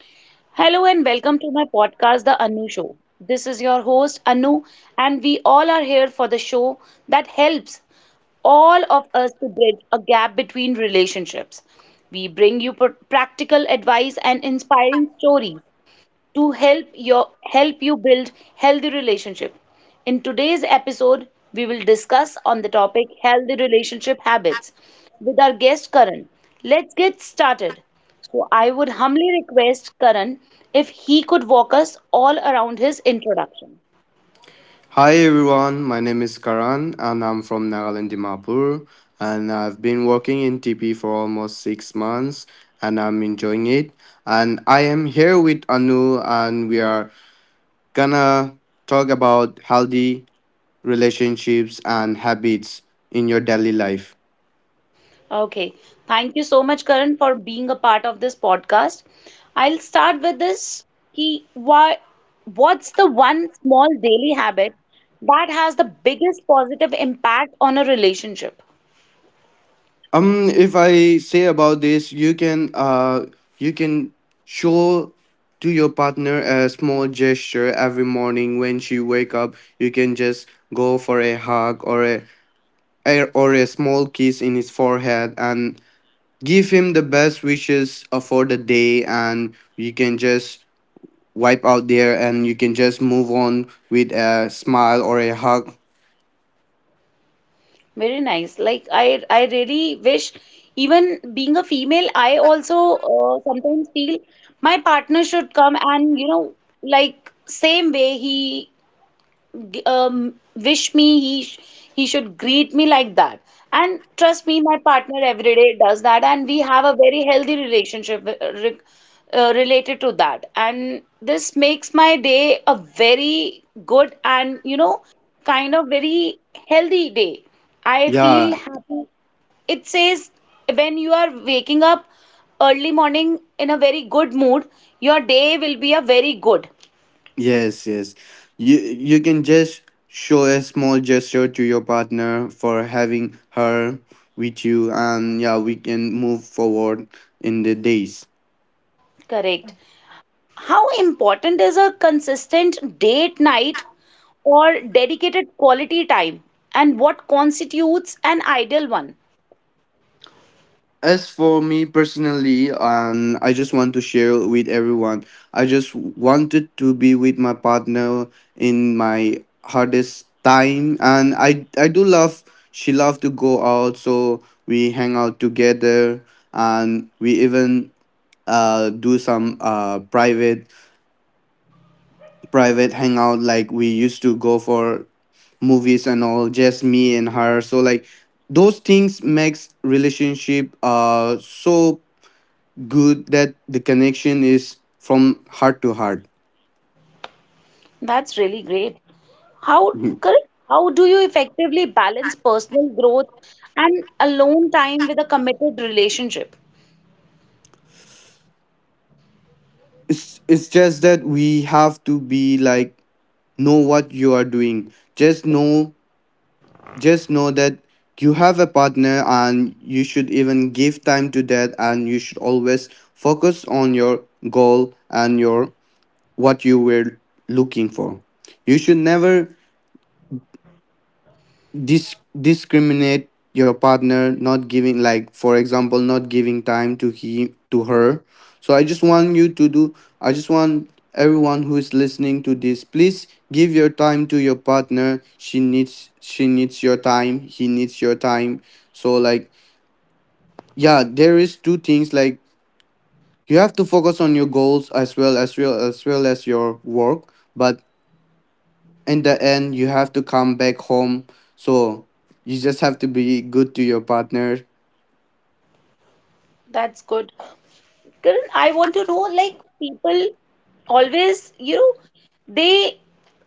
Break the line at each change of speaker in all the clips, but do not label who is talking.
Hello and welcome to my podcast, The Anu Show. This is your host, Anu, and we all are here for the show that helps all of us to bridge a gap between relationships. We bring you practical advice and inspiring stories to help you build healthy relationship. In today's episode, we will discuss on the topic healthy relationship habits with our guest Karan. Let's get started. So I would humbly request Karan if he could walk us all around his introduction.
Hi everyone, my name is Karan and I'm from Nagaland Dimapur, and I've been working in TP for almost 6 months and I'm enjoying it. And I am here with Anu and we are gonna talk about healthy relationships and habits in your daily life.
Okay. Thank you so much, Karan, for being a part of this podcast. I'll start with this. Ki, why, what's the one small daily habit that has the biggest positive impact on a relationship?
If I say about this, you can you can show to your partner a small gesture every morning when she wake up. You can just go for a hug or a small kiss in his forehead and give him the best wishes, for the day, and you can just wipe out there and you can just move on with a smile or a hug.
Very nice. Like I really wish, even being a female, I also sometimes feel my partner should come and, you know, like same way he, um, wish me, he should greet me like that. And trust me, my partner every day does that, and we have a very healthy relationship related to that, and this makes my day a very good, and you know, kind of very healthy day. I feel
Yeah.
happy. It says when you are waking up early morning in a very good mood, your day will be a very good.
Yes, yes. You can just show a small gesture to your partner for having her with you, and yeah, we can move forward in the days.
Correct. How important is a consistent date night or dedicated quality time? And what constitutes an ideal one?
As for me personally, I just want to share with everyone, I just wanted to be with my partner in my hardest time, and I do love, she love to go out, so we hang out together, and we even do some private hangout, like we used to go for movies and all, just me and her. So like those things makes relationship so good that the connection is from heart to heart.
That's really great. How correct? How do you effectively balance personal growth and alone time with a committed relationship?
It's just that we have to be like, know what you are doing. Just know that you have a partner and you should even give time to that, and you should always focus on your goal and your what you were looking for. You should never discriminate your partner, not giving, like for example, not giving time to he to her. So I just want you to do I just want everyone who is listening to this, please give your time to your partner. She needs your time, he needs your time. So like, yeah, there is two things, like you have to focus on your goals as well as your work, but in the end you have to come back home. So you just have to be good to your partner.
That's good. Karan, I want to know, like, people always, you know, they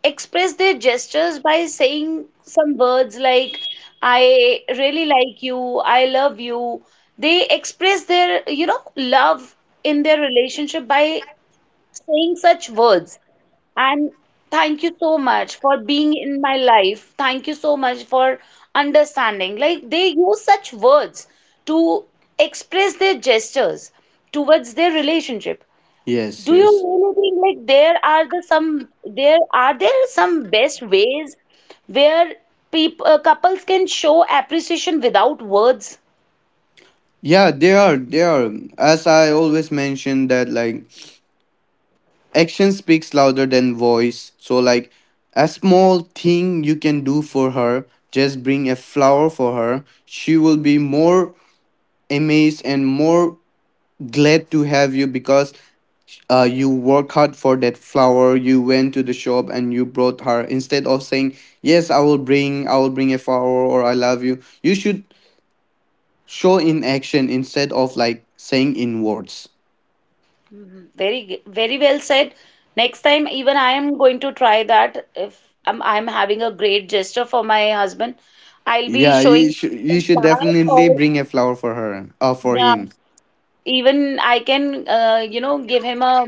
express their gestures by saying some words like, I really like you, I love you. They express their, you know, love in their relationship by saying such words. And thank you so much for being in my life. Thank you so much for understanding. Like, they use such words to express their gestures towards their relationship.
Yes,
Do you
yes.
really think like there are the some there are there some best ways where people couples can show appreciation without words?
Yeah, they are, as I always mention that, like, action speaks louder than voice. So like, a small thing you can do for her, just bring a flower for her. She will be more amazed and more glad to have you, because, you work hard for that flower, you went to the shop and you brought her, instead of saying, yes, I will bring a flower, or I love you. You should show in action instead of like saying in words.
Mhm. Very well said. Next time, even I am going to try that. If I'm having a great gesture for my husband, I'll be
Yeah, you
showing
should
him
you
some
should
flowers,
definitely
or
bring a flower for her, for
yeah,
him.
even I can, you know, give him a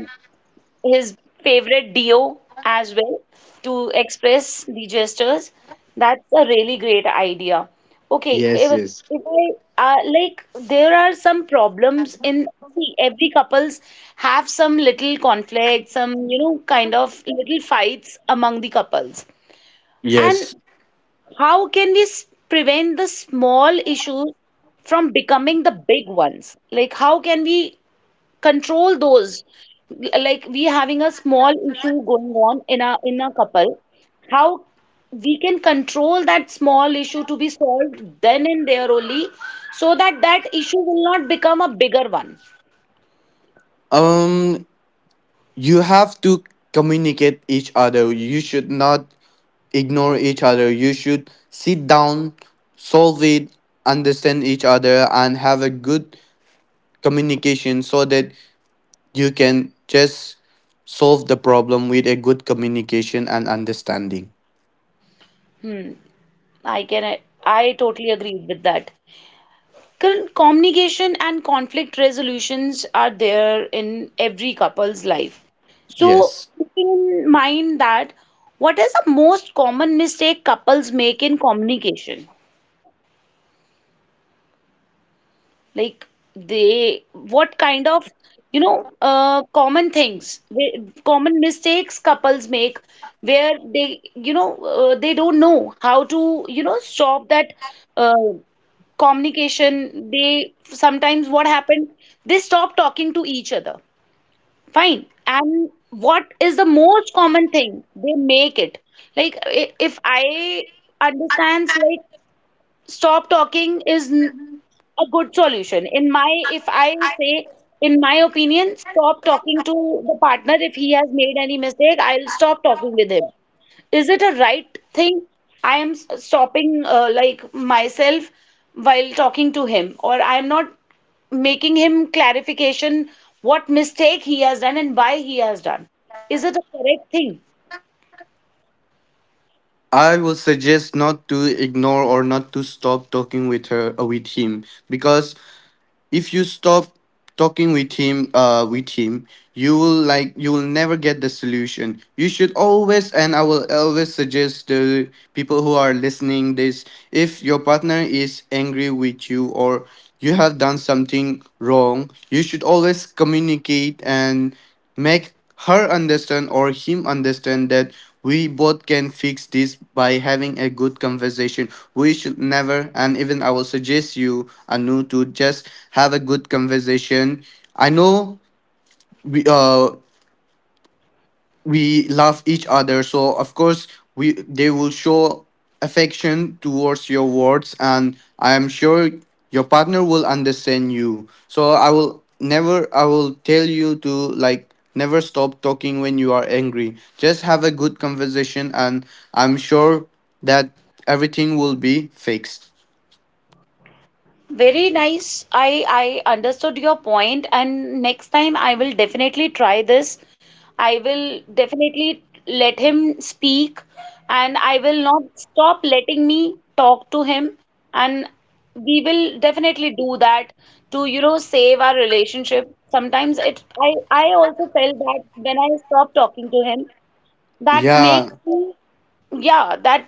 his favorite DO as well to express the gestures. That's a really great idea. Okay,
Yes,
if,
yes,
if I, like, there are some problems in, see every couples have some little conflicts, some you know kind of little fights among the couples.
yes.
And how can we prevent the small issues from becoming the big ones? Like, how can we control those, like we having a small issue going on in a couple, how we can control that small issue to be solved then and there only, so that that issue will not become a bigger one.
um you have to communicate each other, you should not ignore each other. You should sit down, solve it, understand each other, and have a good communication, so that you can just solve the problem with a good communication and understanding.
Hmm. I can, totally agree with that. Communication and conflict resolutions are there in every couple's life,
Yes.
so keeping in mind that, what is the most common mistake couples make in communication? Like, they, what kind of, you know, common things, common mistakes couples make where they, you know, they don't know how to, you know, stop that, uh, communication. They sometimes what happened, they stop talking to each other. Fine. And what is the most common thing? They make it. Like, if I understands, like stop talking is, a good solution. In my, if I say, in my opinion, stop talking to the partner if he has made any mistake. I'll stop talking with him. Is it a right thing? I am, stopping like myself while talking to him, or I am not making him clarification what mistake he has done and why he has done. Is it a correct thing?
I will suggest not to ignore or not to stop talking with her with him because if you stop talking with him you will you will never get the solution. You should always, and I will always suggest to people who are listening this, if your partner is angry with you or you have done something wrong, you should always communicate and make her understand or him understand that we both can fix this by having a good conversation. We should never, and even I will suggest you, Anu, to just have a good conversation. I know we, uh, we love each other, so of course we they will show affection towards your words, and I am sure your partner will understand you. So I will never, I will tell you to never stop talking when you are angry. Just have a good conversation, and I'm sure that everything will be fixed.
Very nice. I understood your point, and next time I will definitely try this. I will definitely let him speak, and I will not stop letting me talk to him. And we will definitely do that to, you know, save our relationship. Sometimes it I also felt that when I stop talking to him, that
Yeah.
makes me, yeah, that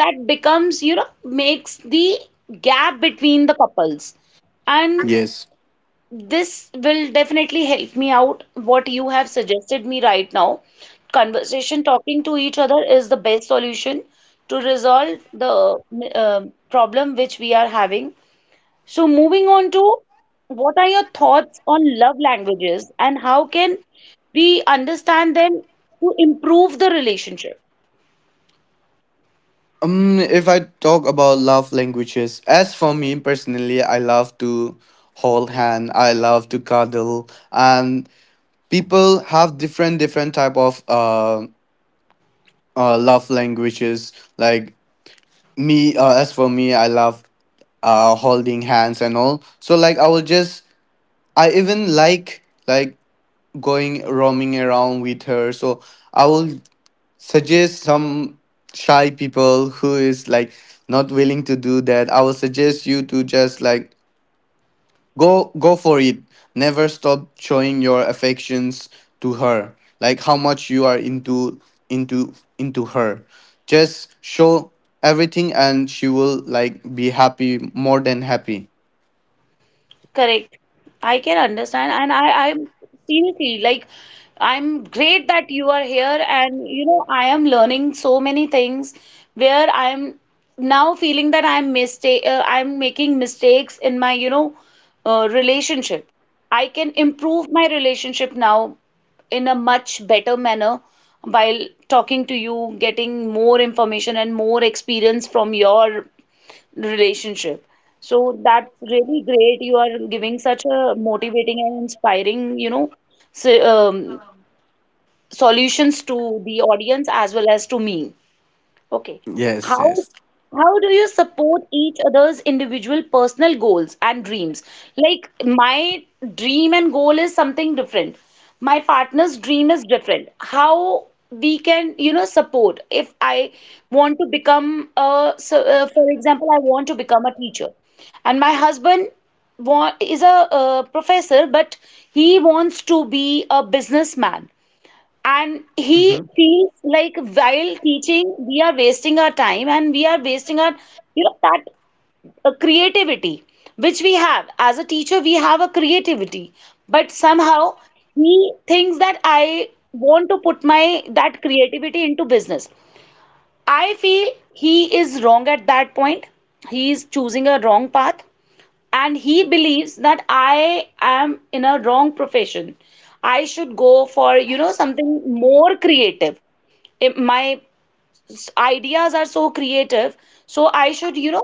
that becomes, you know, makes the gap between the couples. And
Yes.
this will definitely help me out what you have suggested me right now. Conversation, talking to each other is the best solution to resolve the, uh, problem which we are having. So moving on to, what are your thoughts on love languages and how can we understand them to improve the relationship?
If I talk about love languages, as for me personally, I love to hold hand. I love to cuddle, and people have different different type of love languages. Like me, as for me, I love holding hands and all. So I will just, I even like going roaming around with her. So I will suggest some shy people who is like not willing to do that, I will suggest you to just go for it. Never stop showing your affections to her, like how much you are into into her. Just show everything and she will be happy, more than happy.
Correct. I can understand, and I'm seriously, like, I'm great that you are here, and you know, I am learning so many things where I'm now feeling that I'm making mistakes in my, you know, relationship. I can improve my relationship now in a much better manner while talking to you, getting more information and more experience from your relationship. So that's really great. You are giving such a motivating and inspiring, you know, so, solutions to the audience as well as to me. Okay.
Yes, yes.
How how do you support each other's individual personal goals and dreams? Like, my dream and goal is something different. My partner's dream is different. How we can, you know, support if I want to become a, so, for example, I want to become a teacher, and my husband is a professor, but he wants to be a businessman. And he feels like while teaching, we are wasting our time and we are wasting our, you know, that creativity which we have. As a teacher, we have a creativity, but somehow he thinks that I want to put my that creativity into business. I feel he is wrong at that point. He is choosing a wrong path and he believes that I am in a wrong profession. I should go for, you know, something more creative, it, my ideas are so creative, so I should, you know,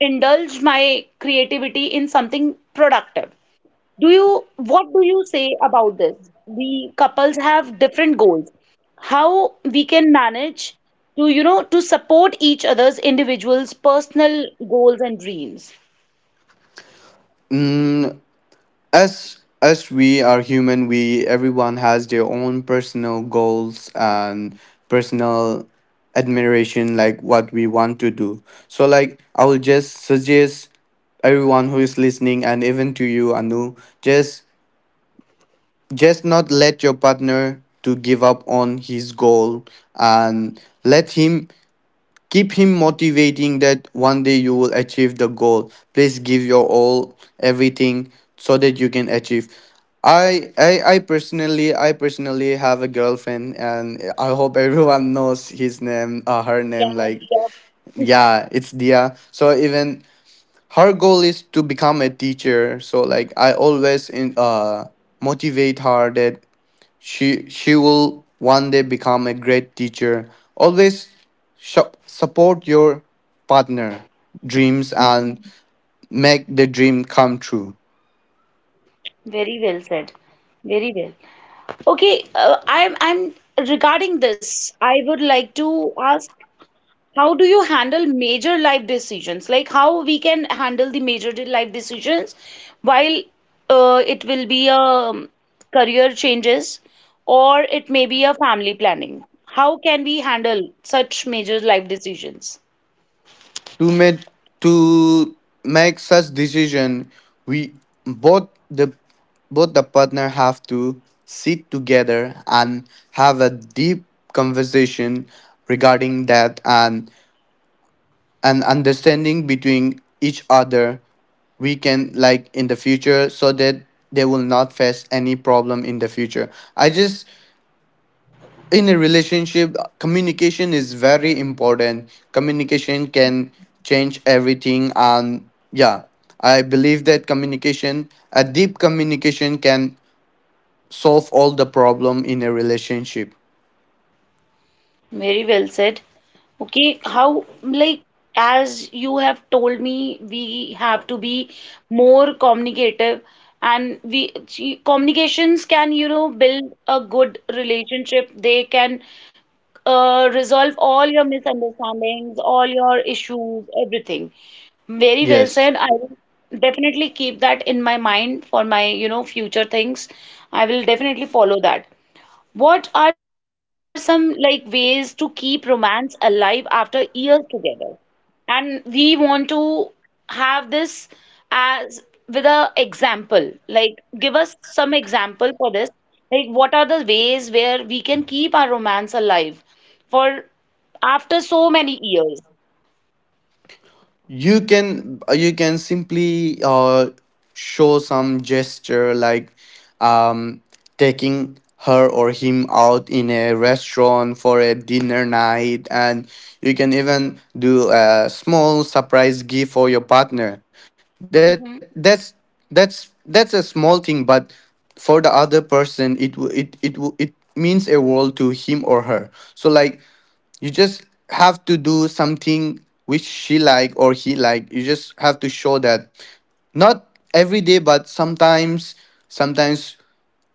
indulge my creativity in something productive. Do you, what do you say about this? We couples have different goals, how we can manage to, you know, to support each other's individuals personal goals and dreams?
Mhm. As we are human, we, everyone has their own personal goals and personal admiration, like what we want to do. So I will just suggest everyone who is listening, and even to you, Anu, just just not let your partner to give up on his goal, and let him. Keep him motivating that one day you will achieve the goal. Please give your all, everything, so that you can achieve. I personally have a girlfriend, and I hope everyone knows his name uh, her name,
yeah
like
yeah
yeah, it's Dia. So even her goal is to become a teacher, so like I always motivate her that she will one day become a great teacher. Always support your partner dreams and make the dream come true.
Very well said. Very well. Okay, I'm regarding this, I would like to ask how do you handle major life decisions? Like, how we can handle the major life decisions, while, it will be a career changes or it may be a family planning, how can we handle such major life decisions?
To make, to make such decision, we, both the both the partner have to sit together and have a deep conversation regarding that, and understanding between each other we can, like, in the future, so that they will not face any problem in the future. I just, in a relationship communication is very important. Communication can change everything, and yeah, I believe that communication, a deep communication, can solve all the problem in a relationship.
Very well said. Okay, how, like, as you have told me, we have to be more communicative, and we see, communications can, you know, build a good relationship. They can, resolve all your misunderstandings, all your issues, everything. Very well
Yes.
said. I will definitely keep that in my mind for my, you know, future things. I will definitely follow that. What are some like ways to keep romance alive after years together? And we want to have this as with a example. Like, give us some example for this. Like, what are the ways where we can keep our romance alive for after so many years?
You can you can simply show some gesture, like um, taking her or him out in a restaurant for a dinner night, and you can even do a small surprise gift for your partner. That that's that's that's a small thing, but for the other person it means a world to him or her. So like you just have to do something which she like or he like. You just have to show that, not every day but sometimes, sometimes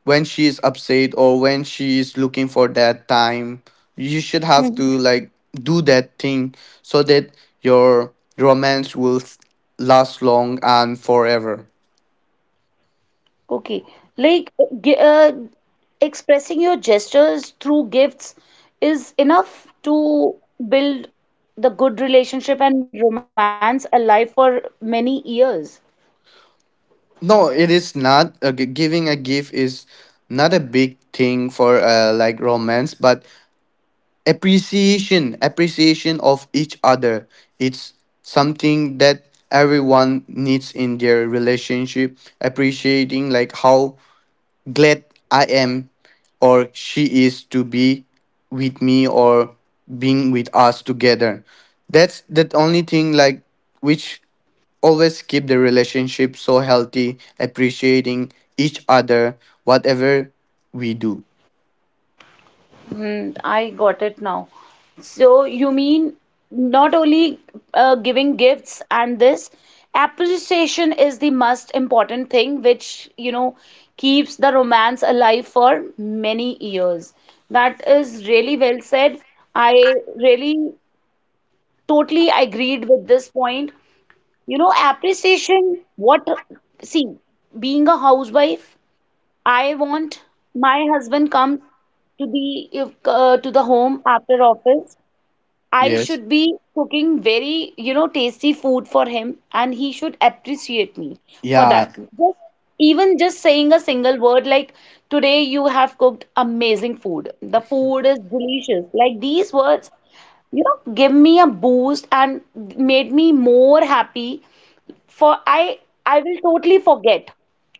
when she is upset or when she is looking for that time, you should have
Mhm.
to do that thing so that your romance will last long and forever.
Okay, like, g expressing your gestures through gifts is enough to build the good relationship and romance alive for many years.
No, it is not giving a gift is not a big thing for like romance, but appreciation of each other, it's something that everyone needs in their relationship. Appreciating like how glad I am or she is to be with me, or being with us together, that's the only thing which always keep the relationship so healthy, appreciating each other whatever we do.
Mm, I got it now. So you mean not only, giving gifts and this, appreciation is the most important thing which, you know, keeps the romance alive for many years. That is really well said. I really totally agreed with this point. You know, appreciation, what, see, being a housewife, I want my husband comes to the, if, to the home after office. I
Yes.
should be cooking very, you know, tasty food for him, and he should appreciate me for
Yeah.
that. Just even just saying a single word like, today you have cooked amazing food. The food is delicious. Like these words, you know, give me a boost and made me more happy. For I I will totally forget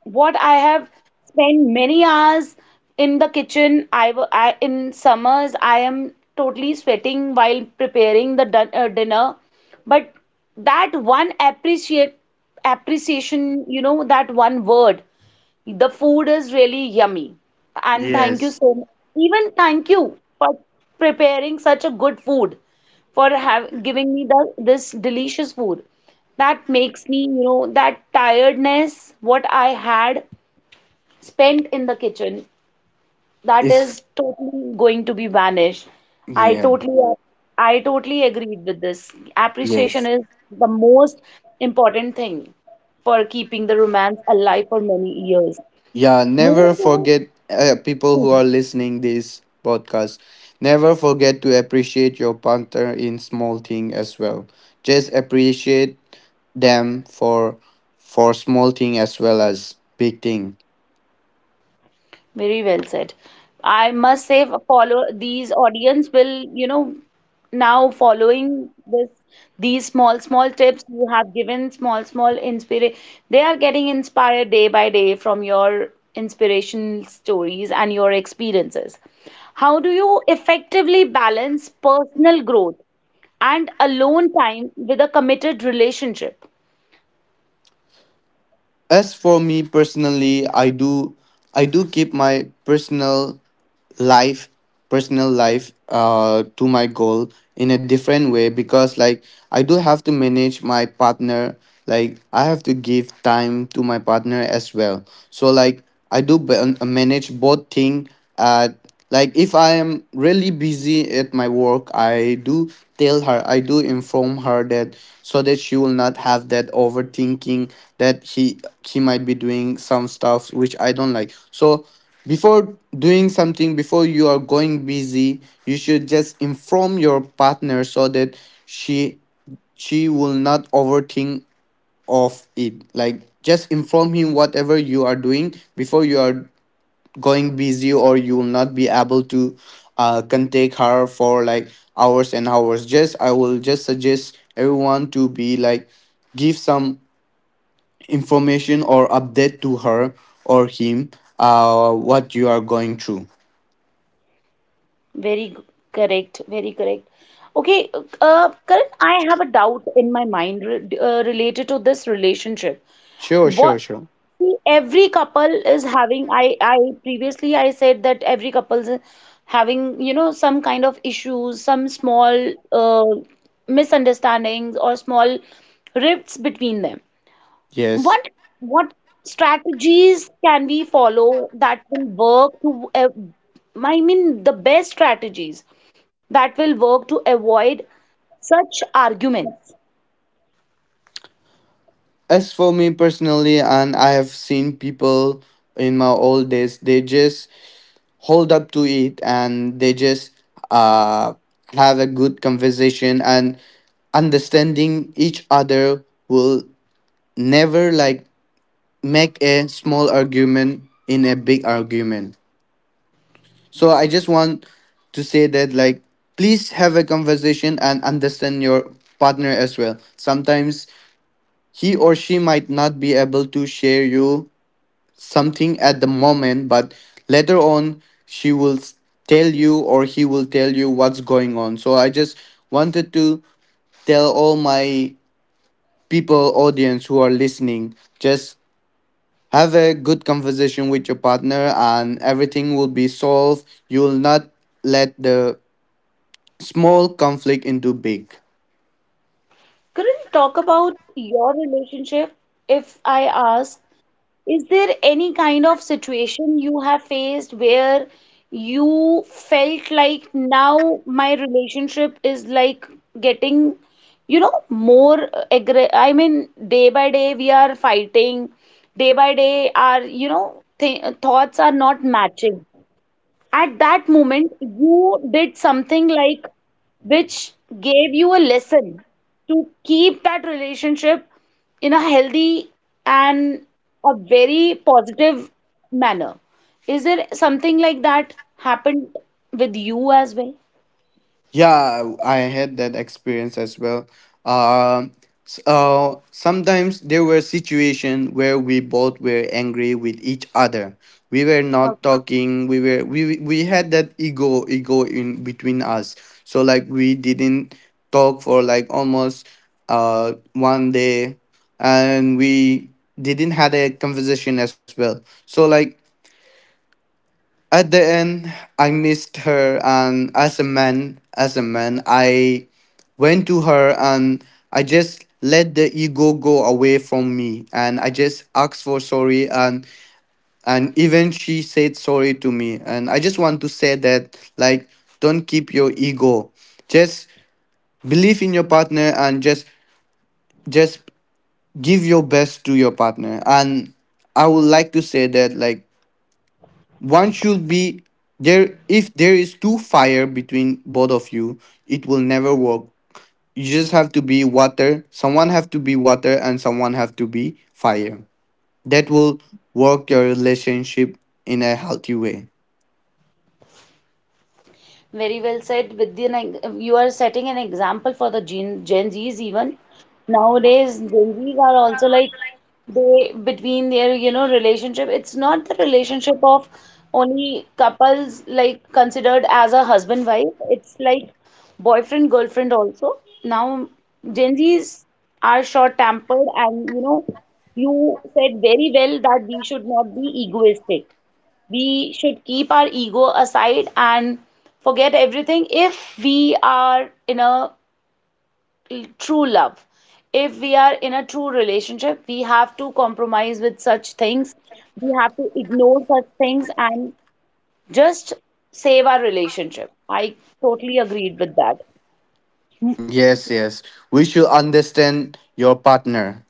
what I have spent many hours in the kitchen. I, I in summers I am totally sweating while preparing the dinner, but that one appreciate appreciation, you know, that one word, the food is really yummy. And thank you so much. Even thank you for preparing such a good food, giving me the, this delicious food. That makes me, you know, that tiredness, what I had spent in the kitchen, that
it's
is totally going to be vanished. I
yeah
totally, I totally agreed with this. Appreciation
Yes.
is the most important thing for keeping the romance alive for many years.
Yeah, never
Moving towards,
forget, people who
hmm,
are listening this podcast. Never forget to appreciate your partner in small thing as well. Just appreciate them for small thing as well as big thing.
very well said. I must say, follow these audience will, now following this, these small, small tips you have given, small, small inspire, they are getting inspired day by day from your inspirational stories and your experiences. How do you effectively balance personal growth and alone time with a committed relationship?
As for me personally, I do keep my personal life, personal life to my goal in a different way, because like I do have to manage my partner, like I have to give time to my partner as well. So like I do manage both thing. Uh, like if I am really busy at my work, I do tell her, I do inform her that, so that she will not have that overthinking that he might be doing some stuff which I don't like. So before doing something, before you are going busy, you should just inform your partner so that she she will not overthink of it. Like just inform him whatever you are doing before you are going busy, or you will not be able to contact her for like hours and hours. Just, I will just suggest everyone to be like, give some information or update to her or him what you are going through.
Very g- correct, very correct. Okay, Karan, I have a doubt in my mind re related to this relationship.
Sure, sure,
What
sure.
see, every couple is having, I previously I said that every couple's having, some kind of issues, some small misunderstandings or small rifts between them.
Yes.
What what strategies can we follow that will work to I mean the best strategies that will work to avoid such arguments?
As for me personally, and I have seen people in my old days, they just hold up to it, and they just uh, have a good conversation, and understanding each other will never, like, make a small argument in a big argument. So I just want to say that, like, please have a conversation and understand your partner as well. Sometimes he or she might not be able to share you something at the moment, but later on she will tell you, or he will tell you what's going on. So I just wanted to tell all my people, audience, who are listening, just have a good conversation with your partner and everything will be solved. You will not let the small conflict into big.
Couldn't talk about your relationship if I ask, is there any kind of situation you have faced where you felt like now my relationship is like getting, more aggressive? I mean, day by day we are fighting, day by day our, th thoughts are not matching. At that moment, you did something like which gave you a lesson to keep that relationship in a healthy and a very positive manner. Is there something like that happened with you as well?
Yeah, I had that experience as well. Um, Sometimes there were situations where we both were angry with each other. We were not
Okay.
talking. We were, we had that ego in between us. So like we didn't talk for like almost one day, and we didn't had a conversation as well. So like at the end, I missed her, and as a man, I went to her, and I just let the ego go away from me, and I just asked for sorry, and even she said sorry to me. And I just want to say that, like, don't keep your ego, just believe in your partner and just give your best to your partner. And I would like to say that, like, one should be there. If there is too fire between both of you, it will never work. You just have to be water, someone have to be water and someone have to be fire. That will work your relationship in a healthy way.
Very well said, Vidya. Like, you are setting an example for the Gen Zs even. Nowadays, Gen Zs are also like they between their, relationship. It's not the relationship of only couples like considered as a husband wife. It's like boyfriend girlfriend also. Now, Gen Zs are short-tempered and you know, you said very well that we should not be egoistic, we should keep our ego aside and forget everything if we are in a true love. If we are in a true relationship, we have to compromise with such things. We have to ignore such things and just save our relationship. I totally agreed with that.
Yes, yes, we should understand your partner.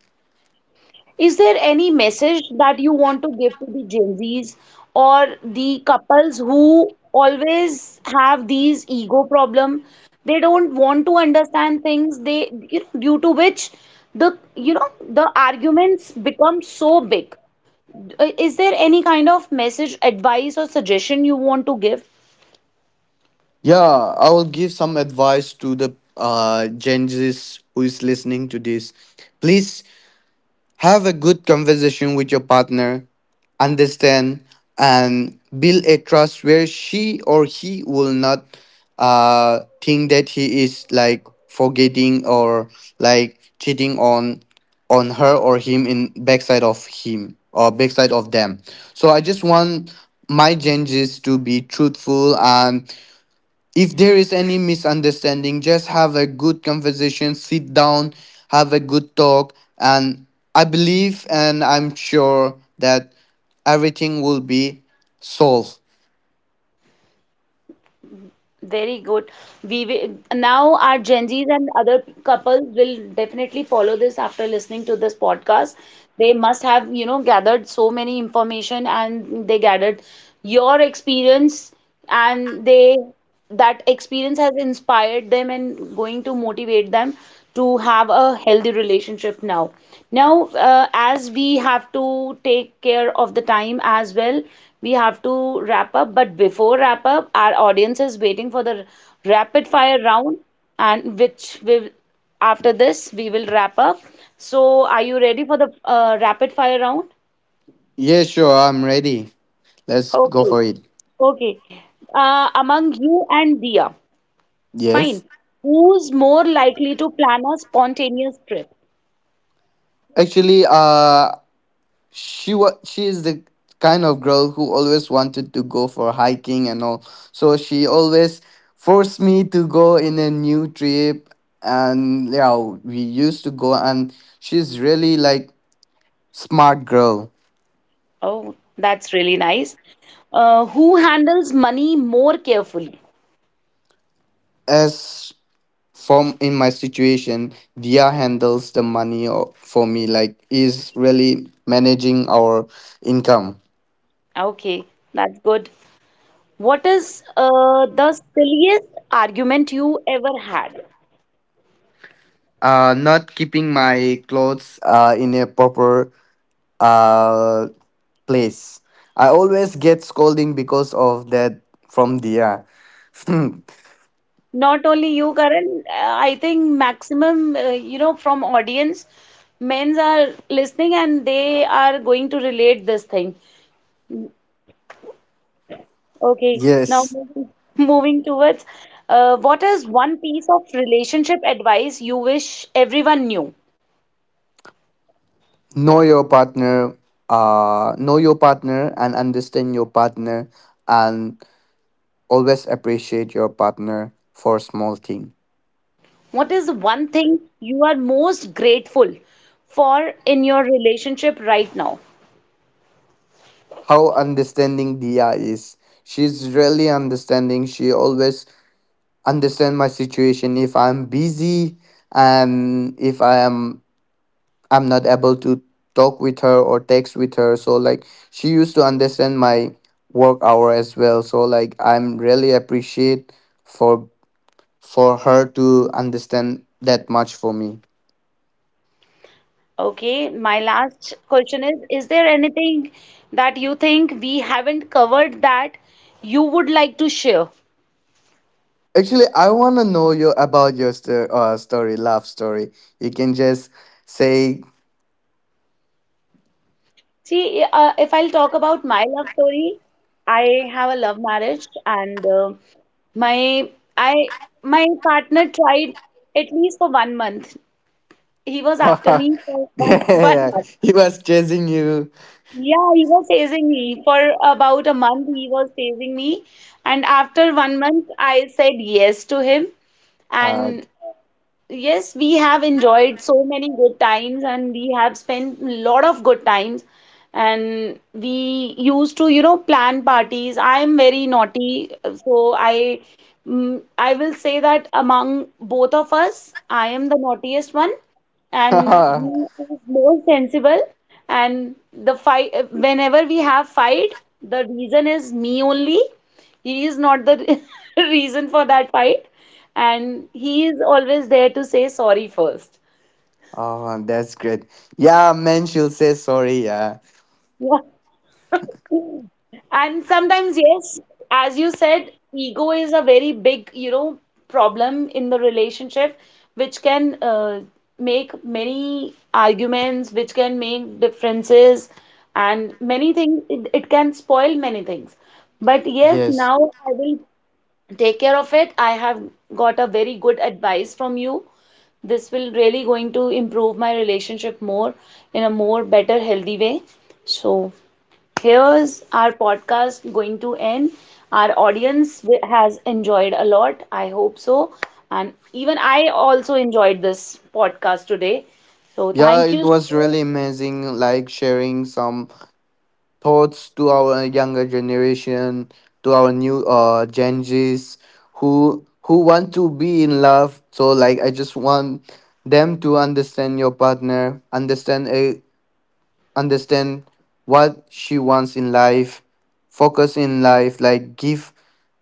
Is there any message that you want to give to the Gen Zs or the couples who always have these ego problem? They don't want to understand things. They, due to which the, the arguments become so big. Is there any kind of message, advice, or suggestion you want to give?
Yeah, I will give some advice to the Gen Zs who is listening to this. Please have a good conversation with your partner, understand, and build a trust where she or he will not think that he is like forgetting or like cheating on her or him, in backside of him or backside of them. So I just want my changes to be truthful, and if there is any misunderstanding, just have a good conversation, sit down, have a good talk. And I believe and I'm sure that everything will be solved.
Very good. We will, now our Gen Zs and other couples will definitely follow this after listening to this podcast. They must have, gathered so many information and they gathered your experience and they that experience has inspired them and going to motivate them to have a healthy relationship now. Now, as we have to take care of the time as well, we have to wrap up. But before wrap up, our audience is waiting for the rapid fire round, and which will after this we will wrap up. So, are you ready for the rapid fire round?
Yeah, sure, I'm ready, let's go
Okay,
for it.
okay. Among you and Dia, fine.
Yes.
Who's more likely to plan a spontaneous trip?
Actually, she was, she is the kind of girl who always wanted to go for hiking and all, so she always forced me to go in a new trip, and yeah, we used to go, and she's really like smart girl.
Oh, that's really nice. Who handles money more carefully?
As, from in my situation, Dia handles the money for me, like is really managing our income.
Okay, that's good. What is the silliest argument you ever had?
Uh, not keeping my clothes in a proper uh place. I always get scolding because of that from Dia.
Not only you, Karan, I think maximum, from audience, men's are listening and they are going to relate this thing. Okay, now
Yes,
moving, moving towards what is one piece of relationship advice you wish everyone knew?
know your partner, know your partner and understand your partner, and always appreciate your partner for small thing.
What is one thing you are most grateful for in your relationship right now?
How understanding Dia is. She's really understanding. She always understand my situation if I'm busy, and if I am, I'm not able to talk with her or text with her. So like she used to understand my work hour as well. So like I'm really appreciate for for her to understand that much for me.
Okay, my last question is there anything that you think we haven't covered that you would like to share?
Actually, I wanna know you about your story, love story. You can just say,
See, if I'll talk about my love story, I have a love marriage and my I my partner tried at least for 1 month. He was after
yeah,
me for one
yeah,
month.
he was chasing you.
Yeah, he was chasing me for about a month. He was chasing me, and after 1 month, I said yes to him.
Uh,
And yes, we have enjoyed so many good times and we have spent a lot of good times. And we used to, plan parties. I'm very naughty, so I I will say that among both of us, I am the naughtiest one and he is more sensible. And the fight, whenever we have fight, the reason is me only. He is not the reason for that fight, and he is always there to say sorry first.
oh, that's great. Yeah, man, she'll say sorry. Yeah,
Yeah. And sometimes, yes, as you said, ego is a very big, problem in the relationship, which can make many arguments, which can make differences, and many things. It can spoil many things. But yes,
yes.
now I will take care of it. I have got a very good advice from you. This will really going to improve my relationship more in a more better healthy way. So here's our podcast going to end. Our audience has enjoyed a lot, I hope so, and even I also enjoyed this podcast today. So
Yeah,
thank
it
you
was
so
really amazing, like sharing some thoughts to our younger generation, to our new Gen Zs who want to be in love. So like I just want them to understand your partner, understand a, understand what she wants in life, focus in life, like give,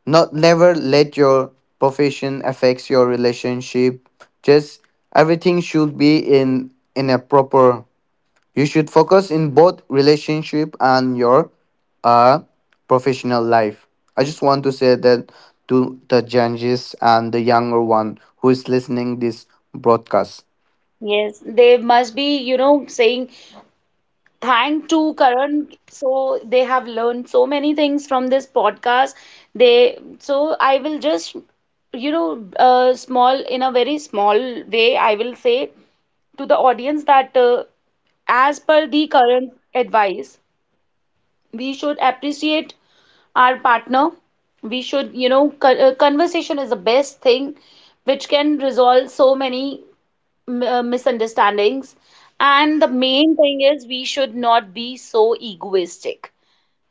not, never let your profession affects your relationship. Just everything should be in a proper, you should focus in both relationship and your uh, professional life. I just want to say that to the judges and the younger one who is listening this broadcast.
yes they must be, saying thank to Karan. So they have learned so many things from this podcast. They so I will just small in a very small way I will say to the audience that as per the current advice, we should appreciate our partner. We should, conversation is the best thing which can resolve so many misunderstandings. And the main thing is we should not be so egoistic.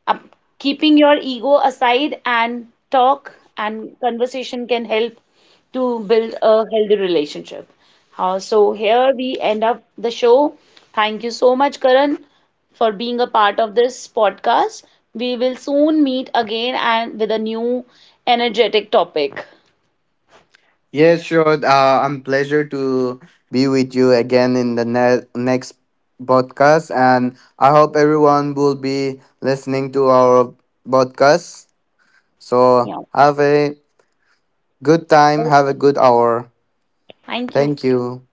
Uh, keeping your ego aside and talk and conversation can help to build a healthy relationship. So here we end up the show. Thank you so much, Karan, for being a part of this podcast. We will soon meet again and with a new energetic topic.
Yes, sure. I'm pleasure to be with you again in the next broadcast, and I hope everyone will be listening to our podcast. So
Yeah.
have a good time, have
Okay.
a good hour.
Thank you.
Thank you.